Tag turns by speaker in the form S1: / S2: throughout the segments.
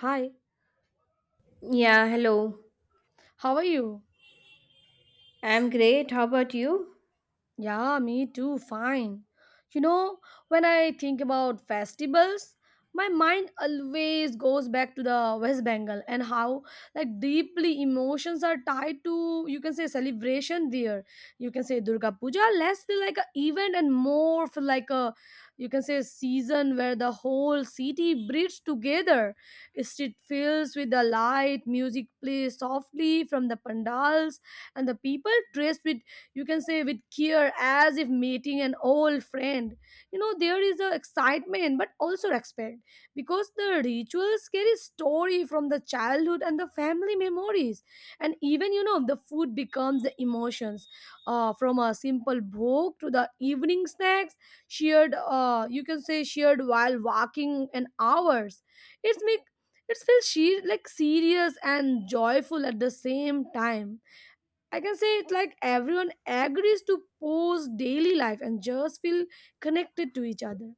S1: Hi,
S2: Yeah, hello.
S1: how are you?
S2: I'm great. How about you?
S1: Yeah, me too, fine. You know, when I think about festivals, my mind always goes back to the West Bengal and how like deeply emotions are tied to you can say celebration there. You can say Durga Puja less feel like an event and more feel like a you can say season where the whole city breathes together. Street fills with the light, music plays softly from the pandals, and the people dressed with you can say with care as if meeting an old friend, you know, there is a excitement but also respect because the rituals carry story from the childhood and the family memories. And even you know the food becomes the emotions from a simple book to the evening snacks shared, you can say shared while walking an hours. It's make. It feels she like serious and joyful at the same time. I can say it like everyone agrees to pose daily life and just feel connected to each other.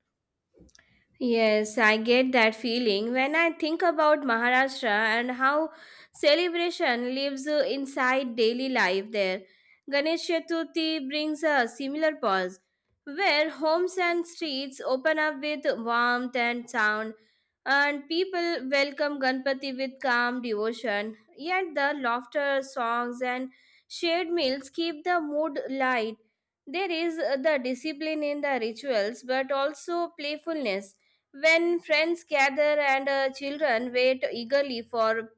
S2: Yes, I get that feeling when I think about Maharashtra and how celebration lives inside daily life there. Ganesh Chaturthi brings a similar pause, where homes and streets open up with warmth and sound, and people welcome Ganpati with calm devotion. Yet the laughter, songs, and shared meals keep the mood light. There is the discipline in the rituals, but also playfulness when friends gather and children wait eagerly for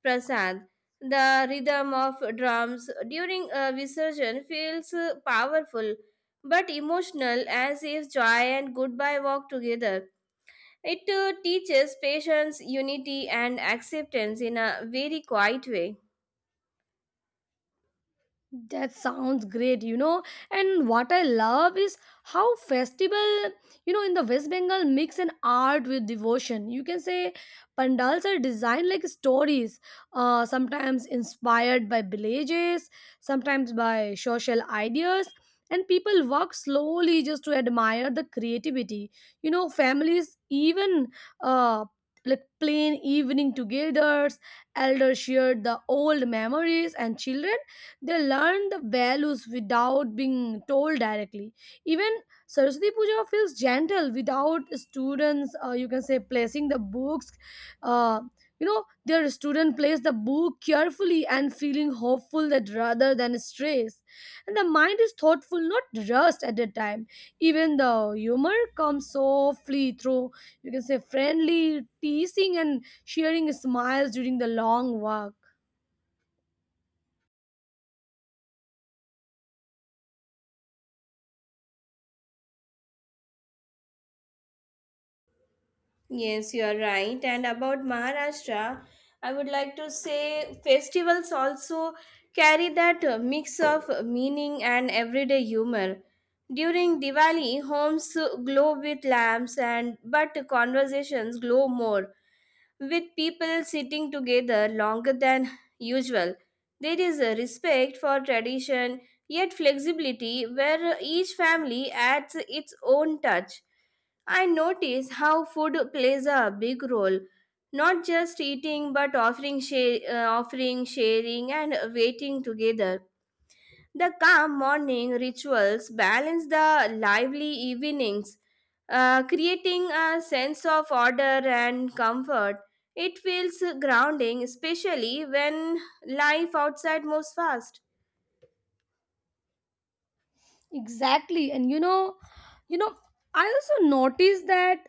S2: prasad. The rhythm of drums during a visurgence feels powerful but emotional, as if joy and goodbye walk together. It teaches patience, unity, and acceptance in a very quiet way.
S1: That sounds great, you know. And what I love is how festival, you know, in the West Bengal mix an art with devotion. You can say pandals are designed like stories, sometimes inspired by villages, sometimes by social ideas. And people walk slowly just to admire the creativity. You know, families even uh, like plain evening togethers, elders shared the old memories, and children they learn the values without being told directly. Even Saraswati Puja feels gentle without students you can say placing the books, uh, you know their student plays the book carefully and feeling hopeful that rather than stress, and the mind is thoughtful not rushed at the time. Even the humor comes softly through you can say friendly teasing and sharing smiles during the long walk.
S2: Yes, you are right. And about Maharashtra, I would like to say festivals also carry that mix of meaning and everyday humor. During Diwali, homes glow with lamps, and but conversations glow more, with people sitting together longer than usual. There is a respect for tradition, yet flexibility where each family adds its own touch. I notice how food plays a big role, not just eating but offering, sharing, and waiting together. The calm morning rituals balance the lively evenings, creating a sense of order and comfort. It feels grounding, especially when life outside moves fast.
S1: Exactly. And you know, I also noticed that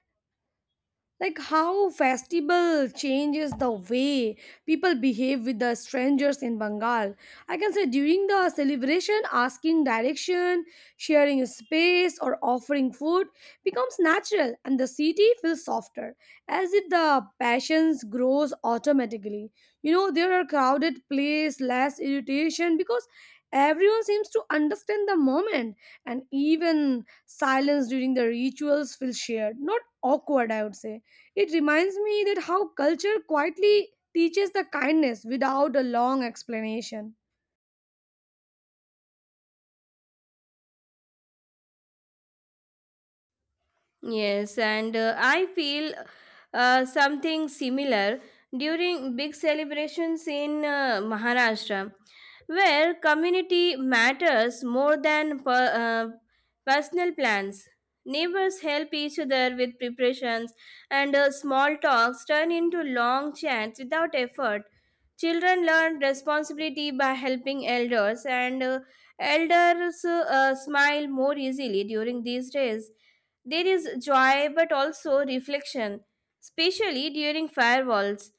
S1: like how festival changes the way people behave with the strangers in Bengal. I can say during the celebration asking direction, sharing space or offering food becomes natural and the city feels softer, as if the passions grows automatically. You know, there are crowded place less irritation because everyone seems to understand the moment. And even silence during the rituals feels shared not awkward, I would say. It reminds me that how culture quietly teaches the kindness without a long explanation.
S2: Yes, and I feel something similar during big celebrations in Maharashtra, where community matters more than personal plans. Neighbors help each other with preparations, and small talks turn into long chats without effort. Children learn responsibility by helping elders, and elders smile more easily during these days. There is joy but also reflection, especially during firewalls,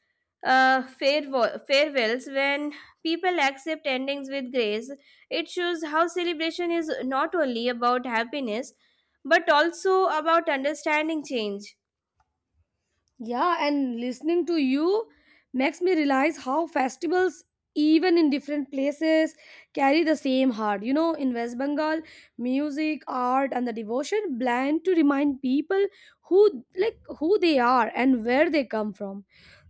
S2: uh, fairwa- farewells, when people accept endings with grace. It shows how celebration is not only about happiness but also about understanding change.
S1: Yeah, and listening to you makes me realize how festivals, even in different places, carry the same heart. You know, in West Bengal, music, art, and the devotion blend to remind people who like who they are and where they come from.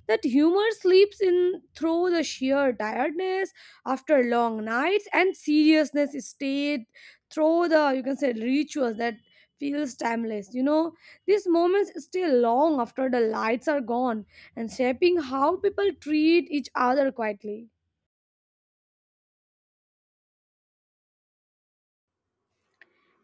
S1: That humor sleeps in through the sheer tiredness after long nights and seriousness stayed through the you can say rituals that feels timeless. You know, these moments stay long after the lights are gone and shaping how people treat each other quietly.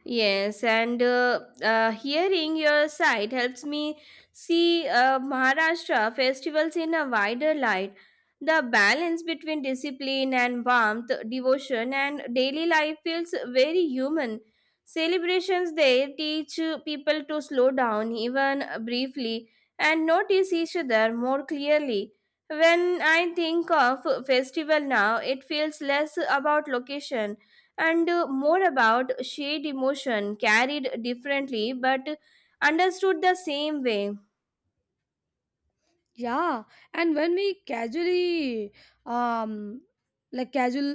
S2: Yes, and hearing your side helps me see Maharashtra festivals in a wider light. The balance between discipline and warmth, devotion, and daily life feels very human. Celebrations there teach people to slow down, even briefly, and notice each other more clearly. When I think of festival now, it feels less about location and more about shared emotion, carried differently but understood the same way.
S1: Yeah, and when we casually um like casual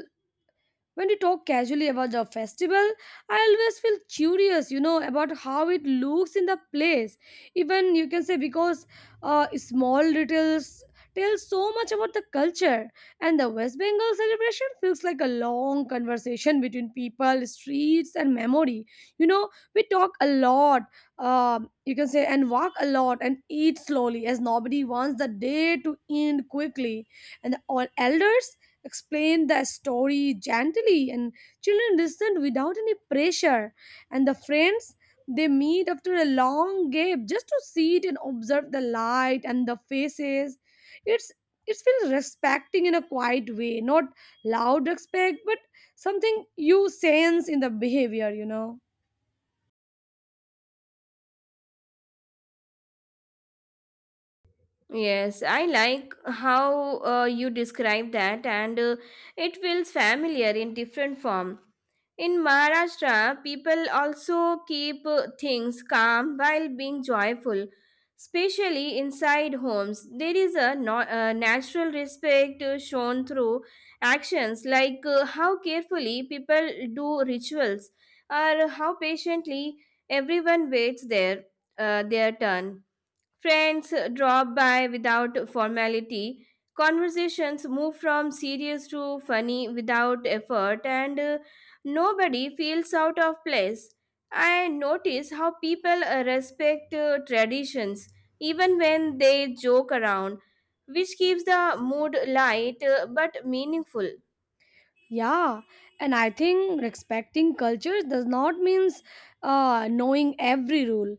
S1: when we talk casually about the festival, I always feel curious, you know, about how it looks in the place. Even you can say because small details tell so much about the culture, and the West Bengal celebration feels like a long conversation between people, streets, and memory. You know, we talk a lot, you can say, and walk a lot and eat slowly, as nobody wants the day to end quickly. And the all elders explained the story gently, and children listened without any pressure. And the friends, they meet after a long gap just to sit and observe the light and the faces. It's. It feels respecting in a quiet way, not loud respect, but something you sense in the behavior, you know.
S2: Yes, I like how you describe that, and it feels familiar in different form. In Maharashtra, people also keep things calm while being joyful, especially inside homes. There is a natural respect shown through actions, like how carefully people do rituals or how patiently everyone waits their turn. Friends drop by without formality. Conversations move from serious to funny without effort, and nobody feels out of place. I notice how people respect traditions even when they joke around, which keeps the mood light but meaningful.
S1: Yeah, and I think respecting cultures does not means knowing every rule,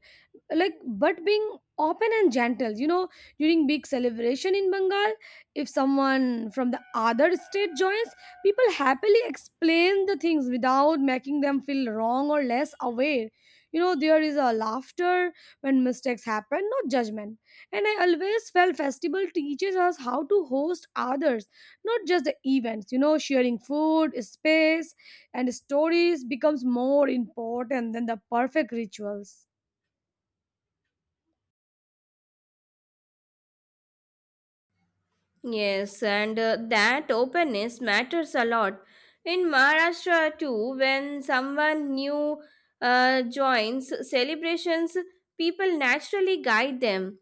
S1: like but being open and gentle. You know, during big celebration in Bengal, if someone from the other state joins, people happily explain the things without making them feel wrong or less aware. You know, there is a laughter when mistakes happen, no judgment. And I always felt festival teaches us how to host others, not just the events. You know, sharing food, space, and stories becomes more important than the perfect rituals.
S2: Yes, and that openness matters a lot. In Maharashtra too, when someone new joins celebrations, people naturally guide them.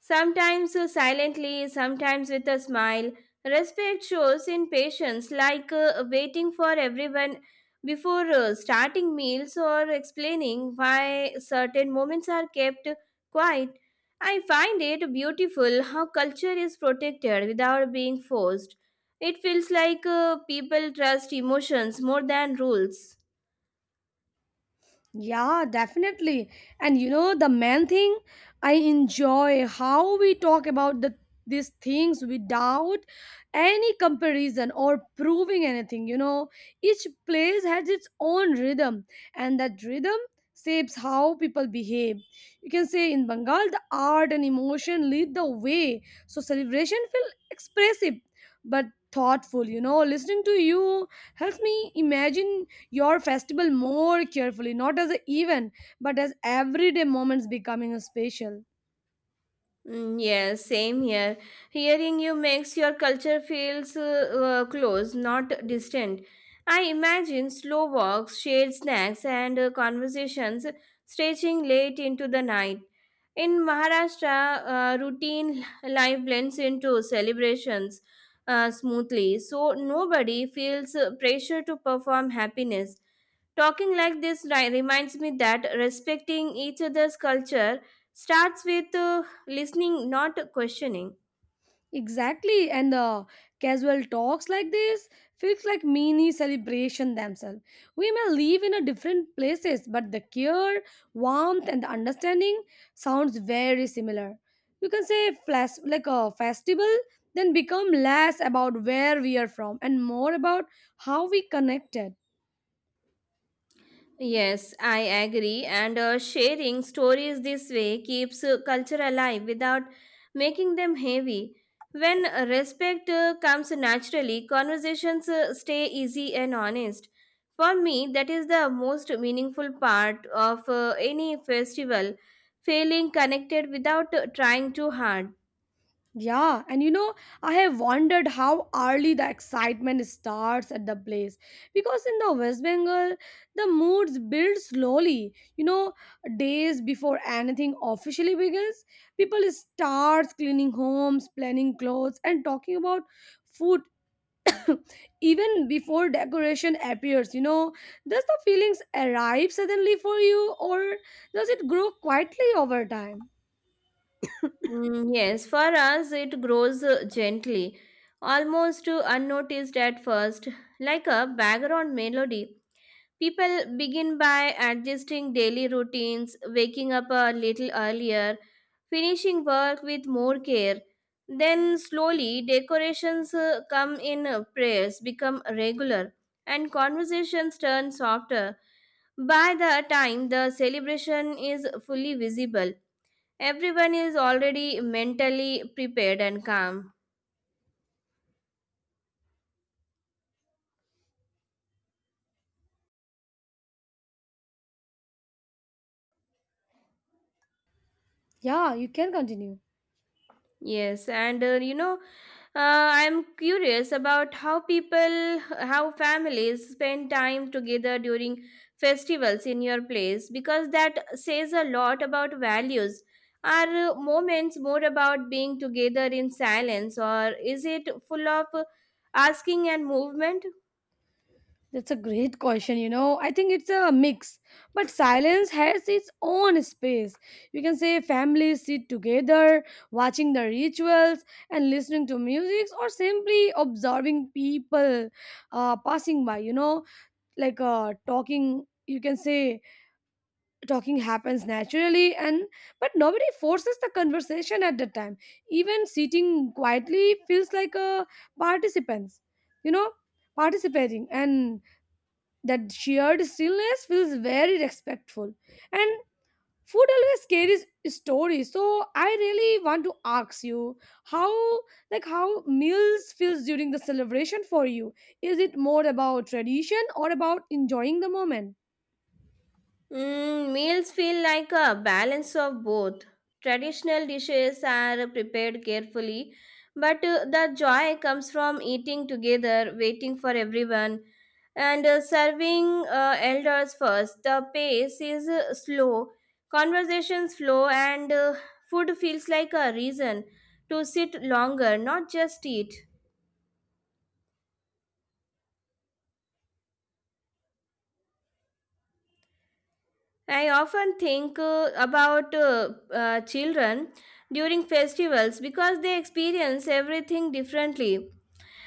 S2: Sometimes silently, sometimes with a smile. Respect shows in patience, like waiting for everyone before starting meals, or explaining why certain moments are kept quiet. I find it beautiful how culture is protected without being forced. It feels like people trust emotions more than rules.
S1: Yeah, definitely. And you know, the main thing, I enjoy how we talk about these things without any comparison or proving anything. You know, each place has its own rhythm, and that rhythm shapes how people behave. You can say in Bengal, the art and emotion lead the way, so celebration feel expressive but thoughtful. You know, listening to you helps me imagine your festival more carefully, not as an event, but as everyday moments becoming a special.
S2: Mm, yes, same here. Hearing you makes your culture feels close, not distant. I imagine slow walks, shared snacks, and conversations stretching late into the night. In Maharashtra, routine life blends into celebrations smoothly, so nobody feels pressure to perform happiness. Talking like this reminds me that respecting each other's culture starts with listening, not questioning.
S1: Exactly, and the casual talks like this feels like mini celebration themselves. We may live in a different places, but the care, warmth, and the understanding sounds very similar. You can say flash, like a festival, then become less about where we are from and more about how we connected.
S2: Yes, I agree. And sharing stories this way keeps culture alive without making them heavy. When respect comes naturally, conversations stay easy and honest. For me, that is the most meaningful part of any festival, feeling connected without trying too hard.
S1: Yeah, and you know, I have wondered how early the excitement starts at the place, because in the West Bengal, the moods build slowly. You know, days before anything officially begins, people start cleaning homes, planning clothes, and talking about food even before decoration appears. You know, does the feelings arrive suddenly for you, or does it grow quietly over time?
S2: Mm, yes, for us it grows gently, almost unnoticed at first, like a background melody. People begin by adjusting daily routines, waking up a little earlier, finishing work with more care. Then slowly decorations come in, prayers become regular, and conversations turn softer. By the time the celebration is fully visible, everyone is already mentally prepared and calm.
S1: Yeah, you can continue.
S2: Yes, and I'm curious about how families spend time together during festivals in your place, because that says a lot about values. Are moments more about being together in silence, or is it full of asking and movement?
S1: That's a great question, you know. I think it's a mix, but silence has its own space. You can say families sit together, watching the rituals and listening to music, or simply observing people passing by, you know, talking. You can say talking happens naturally, and but nobody forces the conversation at that time. Even sitting quietly feels like a participants, you know, participating, and that shared stillness feels very respectful. And food always carries stories. So I really want to ask you how how meals feels during the celebration for you. Is it more about tradition or about enjoying the moment?
S2: Mm, meals feel like a balance of both. Traditional dishes are prepared carefully, but the joy comes from eating together, waiting for everyone, and serving elders first. The pace is slow, conversations flow, and food feels like a reason to sit longer, not just eat. I often think about children during festivals because they experience everything differently.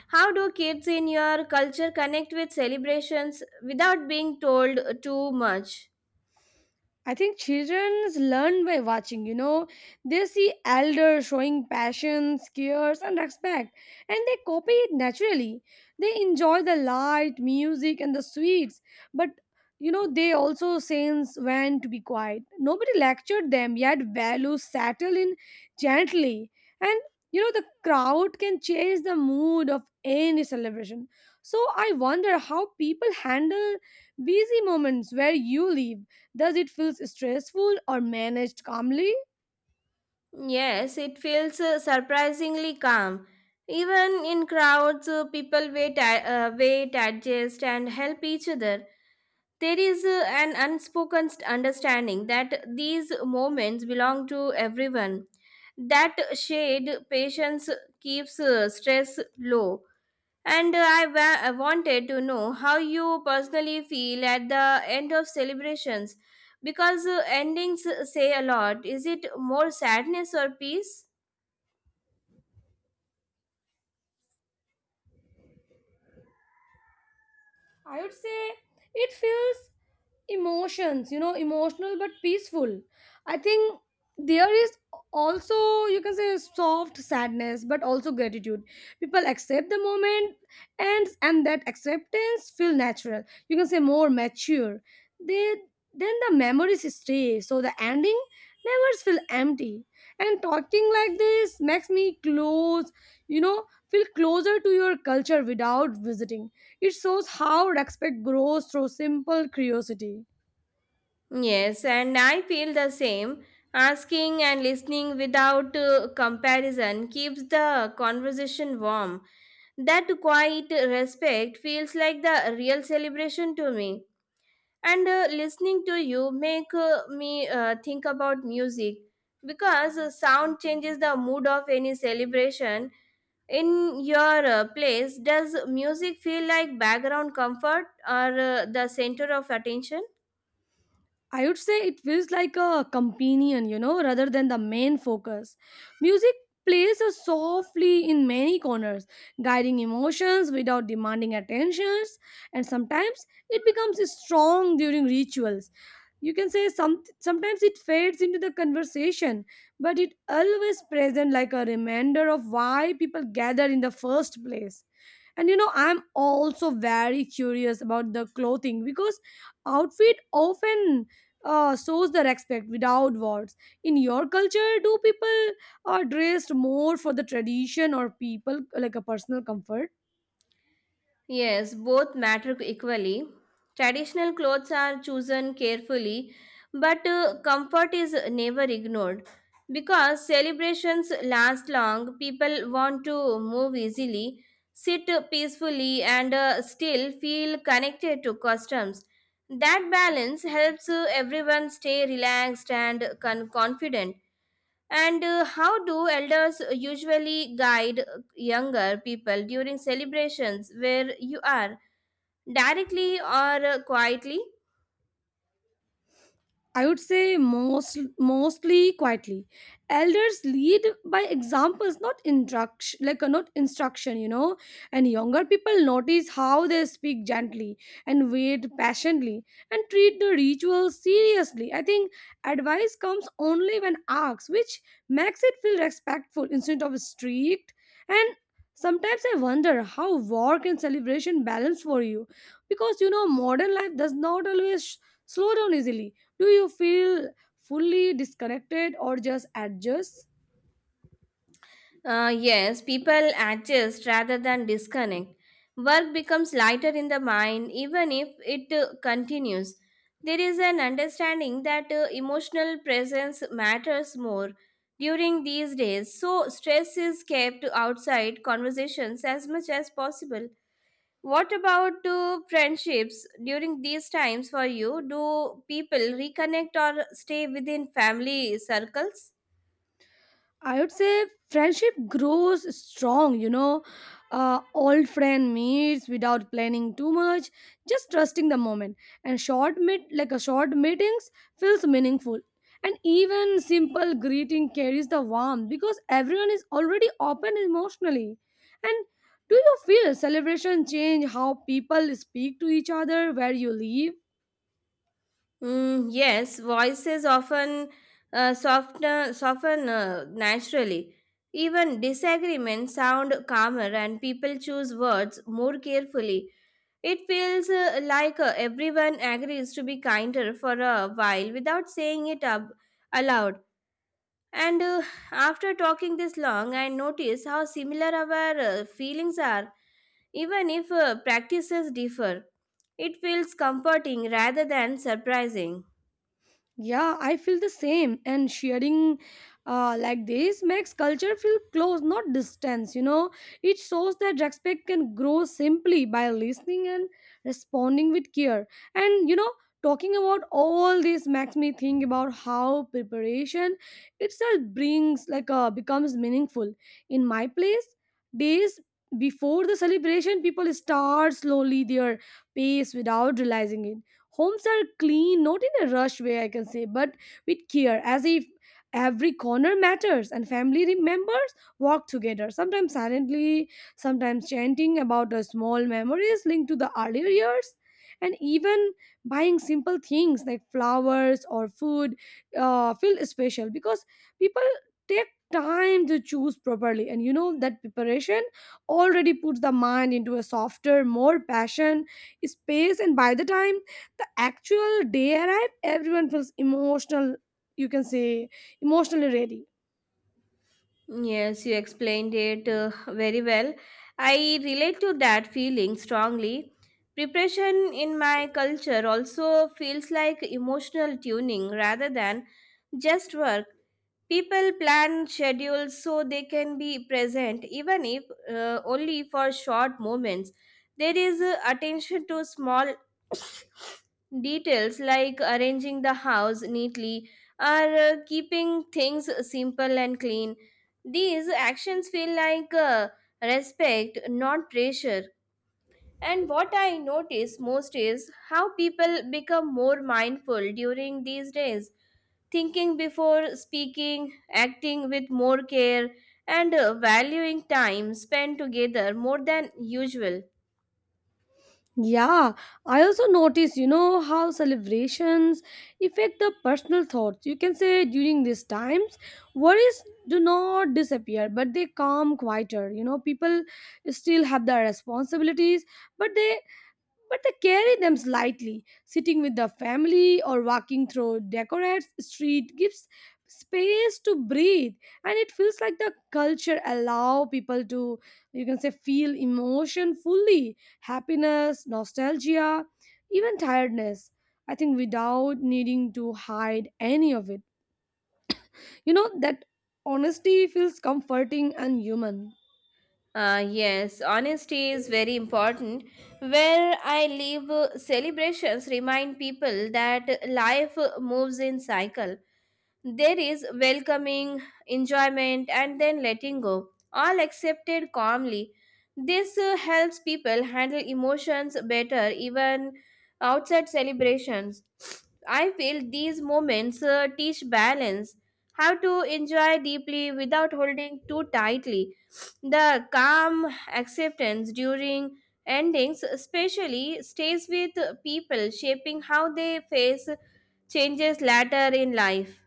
S2: How do kids in your culture connect with celebrations without being told too much?
S1: I think children learn by watching, you know. They see elders showing passion, cares, and respect, and they copy it naturally. They enjoy the light, music, and the sweets, but you know, they also sense when to be quiet. Nobody lectured them, yet values settle in gently. And you know, the crowd can change the mood of any celebration. So I wonder how people handle busy moments where you live. Does it feel stressful or managed calmly?
S2: Yes, it feels surprisingly calm. Even in crowds, people wait, adjust, and help each other. There is an unspoken understanding that these moments belong to everyone. That shade patience keeps stress low. And I wanted to know how you personally feel at the end of celebrations, because endings say a lot. Is it more sadness or peace?
S1: I would say it feels emotions, you know, emotional but peaceful. I think there is also you can say soft sadness but also gratitude. People accept the moment, and that acceptance feel natural. You can say more mature. They then the memories stay, so the ending never feel empty. And talking like this makes me close, you know, feel closer to your culture without visiting. It shows how respect grows through simple curiosity.
S2: Yes, and I feel the same. Asking and listening without comparison keeps the conversation warm. That quiet respect feels like the real celebration to me. And listening to you make me think about music, because sound changes the mood of any celebration. In your place, does music feel like background comfort or the center of attention?
S1: I would say it feels like a companion, you know, rather than the main focus. Music plays us softly in many corners, guiding emotions without demanding attentions, and sometimes it becomes strong during rituals. You can say sometimes it fades into the conversation, but it always present like a reminder of why people gather in the first place. And you know, I'm also very curious about the clothing because outfit often shows the respect without words. In your culture, do people are dressed more for the tradition or people like a personal comfort?
S2: Yes, both matter equally. Traditional clothes are chosen carefully, but comfort is never ignored. Because celebrations last long, people want to move easily, sit peacefully, and still feel connected to customs. That balance helps everyone stay relaxed and confident. And how do elders usually guide younger people during celebrations where you are, directly or quietly?
S1: I would say mostly quietly. Elders lead by examples, not instruction, you know. And younger people notice how they speak gently and wait patiently and treat the ritual seriously. I think advice comes only when asked, which makes it feel respectful instead of strict. And sometimes I wonder how work and celebration balance for you, because you know modern life does not always slow down easily. Do you feel fully disconnected or just adjust?
S2: Yes, people adjust rather than disconnect. Work becomes lighter in the mind even if it continues. There is an understanding that emotional presence matters more during these days, so stress is kept outside conversations as much as possible. What about friendships during these times for you? Do people reconnect or stay within family circles?
S1: I would say friendship grows strong, you know. Old friend meets without planning too much, just trusting the moment. And short meet like a short meetings feels meaningful, and even simple greeting carries the warmth because everyone is already open emotionally. And do you feel celebration change how people speak to each other where you live?
S2: Mm, yes, voices often soften naturally. Even disagreements sound calmer, and people choose words more carefully. It feels like everyone agrees to be kinder for a while without saying it up aloud. And after talking this long, I notice how similar our feelings are, even if practices differ. It feels comforting rather than surprising.
S1: Yeah, I feel the same. And sharing, like this makes culture feel close, not distance. You know, it shows that respect can grow simply by listening and responding with care. And you know, talking about all this makes me think about how preparation itself brings becomes meaningful. In my place, days before the celebration, people start slowly their pace without realizing it. Homes are clean, not in a rush way, I can say, but with care, as if every corner matters, and family re- members walk together, sometimes silently, sometimes chanting about the small memories linked to the earlier years. And even buying simple things like flowers or food feel special because people take time to choose properly, and you know that preparation already puts the mind into a softer, more passion space. And by the time the actual day arrive, everyone feels emotional, you can say emotionally ready.
S2: Yes, you explained it very well. I relate to that feeling strongly. Preparation in my culture also feels like emotional tuning rather than just work. People plan schedules so they can be present, even if only for short moments. There is attention to small details, like arranging the house neatly or keeping things simple and clean. These actions feel like respect, not pressure. And what I notice most is how people become more mindful during these days, thinking before speaking, acting with more care, and valuing time spent together more than usual.
S1: Yeah, I also notice, you know, how celebrations affect the personal thoughts, you can say, during these times. Worries do not disappear, but they come quieter. You know, people still have their responsibilities, but they but they carry them lightly. Sitting with the family or walking through decorated street gives space to breathe, and it feels like the culture allow people to, you can say, feel emotion fully. Happiness, nostalgia, even tiredness, I think, without needing to hide any of it. You know that honesty feels comforting and human.
S2: Yes, honesty is very important. Where I live, celebrations remind people that life moves in cycle. There is welcoming, enjoyment, and then letting go, all accepted calmly. This helps people handle emotions better, even outside celebrations. I feel these moments teach balance, how to enjoy deeply without holding too tightly. The calm acceptance during endings, especially, stays with people, shaping how they face changes later in life.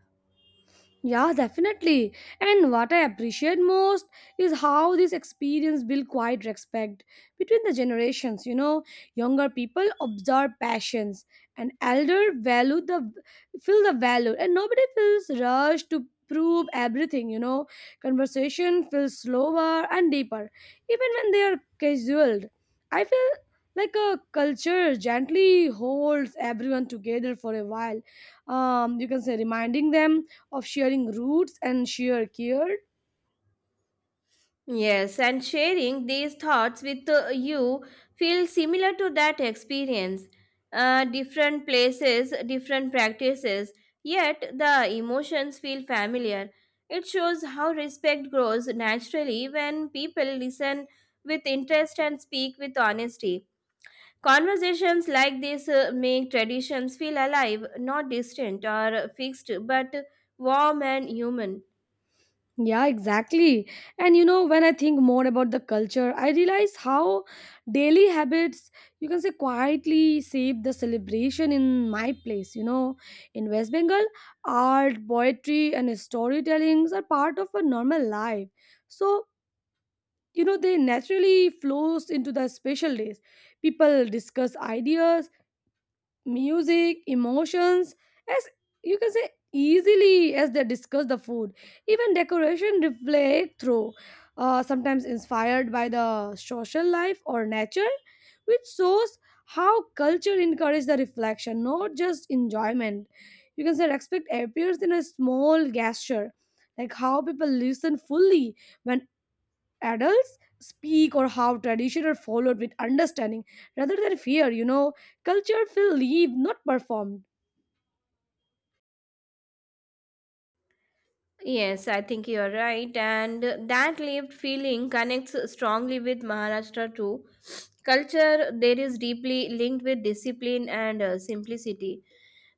S1: Yeah, definitely. And what I appreciate most is how this experience built quite respect between the generations. You know, younger people observe passions, and elder value the feel the value, and nobody feels rushed to prove everything. You know, conversation feels slower and deeper, even when they are casual. I feel like a culture gently holds everyone together for a while. You can say reminding them of sharing roots and sheer care.
S2: Yes, and sharing these thoughts with you feels similar to that experience. Different places, different practices, yet the emotions feel familiar. It shows how respect grows naturally when people listen with interest and speak with honesty. Conversations like this make traditions feel alive, not distant or fixed, but warm and human.
S1: Yeah, exactly. And you know, when I think more about the culture, I realize how daily habits, you can say, quietly shape the celebration in my place. You know, in West Bengal, art, poetry, and storytellings are part of a normal life. So, you know, they naturally flows into the special days. People discuss ideas, music, emotions, as, you can say, easily as they discuss the food. Even decoration reflect through, sometimes inspired by the social life or nature, which shows how culture encourages the reflection, not just enjoyment. You can say respect appears in a small gesture, like how people listen fully when adults speak, or how tradition are followed with understanding rather than fear. You know, culture will live, not performed.
S2: Yes, I think you're right. And that lived feeling connects strongly with Maharashtra too. Culture there is deeply linked with discipline and simplicity,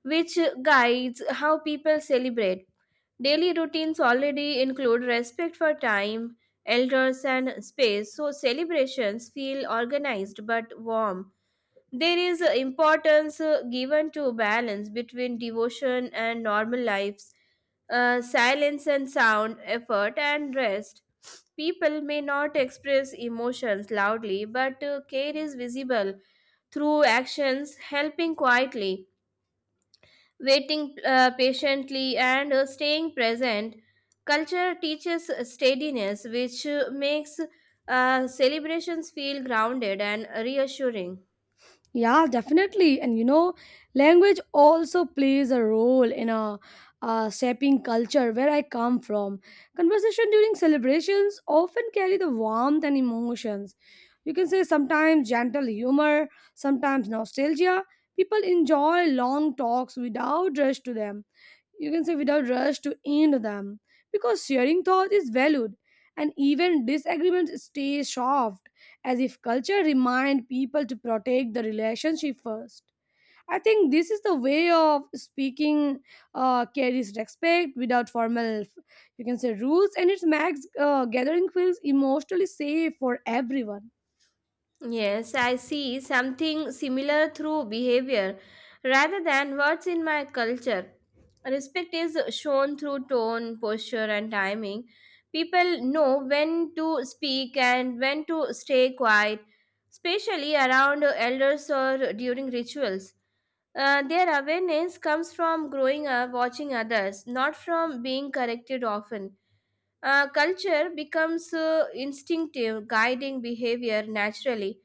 S2: which guides how people celebrate. Daily routines already include respect for time, elders, and space, so celebrations feel organized but warm. There is importance given to balance between devotion and normal lives, silence and sound, effort and rest. People may not express emotions loudly, but care is visible through actions, helping quietly, waiting patiently, and staying present. Culture teaches steadiness, which makes celebrations feel grounded and reassuring.
S1: Yeah, definitely. And you know, language also plays a role in a, shaping culture. Where I come from, conversation during celebrations often carry the warmth and emotions, you can say sometimes gentle humor, sometimes nostalgia. People enjoy long talks without rush to them, you can say without rush to end them, because sharing thought is valued, and even disagreements stay soft, as if culture remind people to protect the relationship first. I think this is the way of speaking, carries respect without formal, you can say, rules, and it makes, gathering feels emotionally safe for everyone.
S2: Yes, I see something similar through behavior rather than words in my culture. Respect is shown through tone, posture, and timing. People know when to speak and when to stay quiet, especially around elders or during rituals. Their awareness comes from growing up watching others, not from being corrected often. Culture becomes instinctive, guiding behavior naturally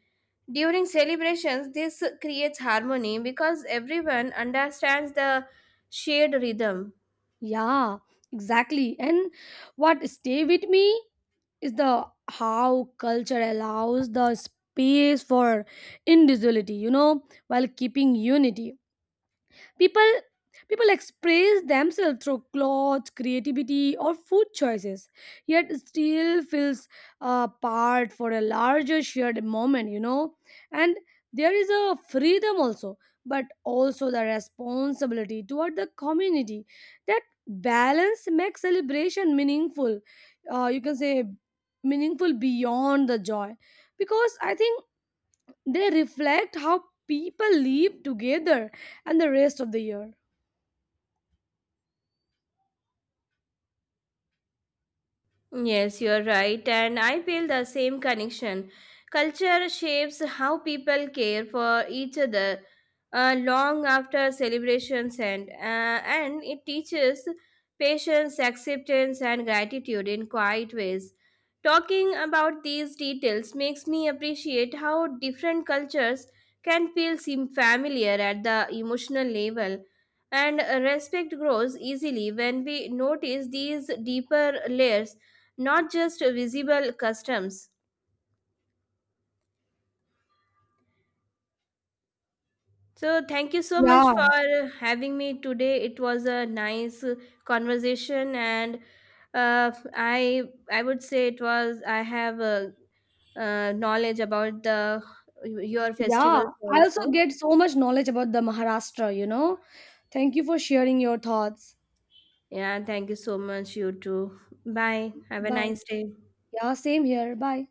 S2: during celebrations. This creates harmony because everyone understands the shared rhythm.
S1: Yeah, exactly. And what stay with me is the how culture allows the space for individuality, you know, while keeping unity. People people express themselves through clothes, creativity, or food choices, yet still feels a part for a larger shared moment. You know, and there is a freedom also, but also the responsibility toward the community. That balance makes celebration meaningful, you can say meaningful beyond the joy, because I think they reflect how people live together and the rest of the year.
S2: Yes, you're right, and I feel the same connection. Culture shapes how people care for each other long after celebrations end, and it teaches patience, acceptance, and gratitude in quiet ways. Talking about these details makes me appreciate how different cultures can feel seem familiar at the emotional level, and respect grows easily when we notice these deeper layers, not just visible customs. So, thank you so much
S1: Yeah,
S2: for having me today. It was a nice conversation, and uh, I I would say it was I have a, knowledge about the your
S1: yeah.
S2: festivals
S1: I also
S2: also.
S1: get so much knowledge about the Maharashtra, you know. Thank you for sharing your thoughts.
S2: Yeah, thank you so much. You too. Bye. Have a
S1: Bye.
S2: nice day.
S1: Yeah, same here. Bye.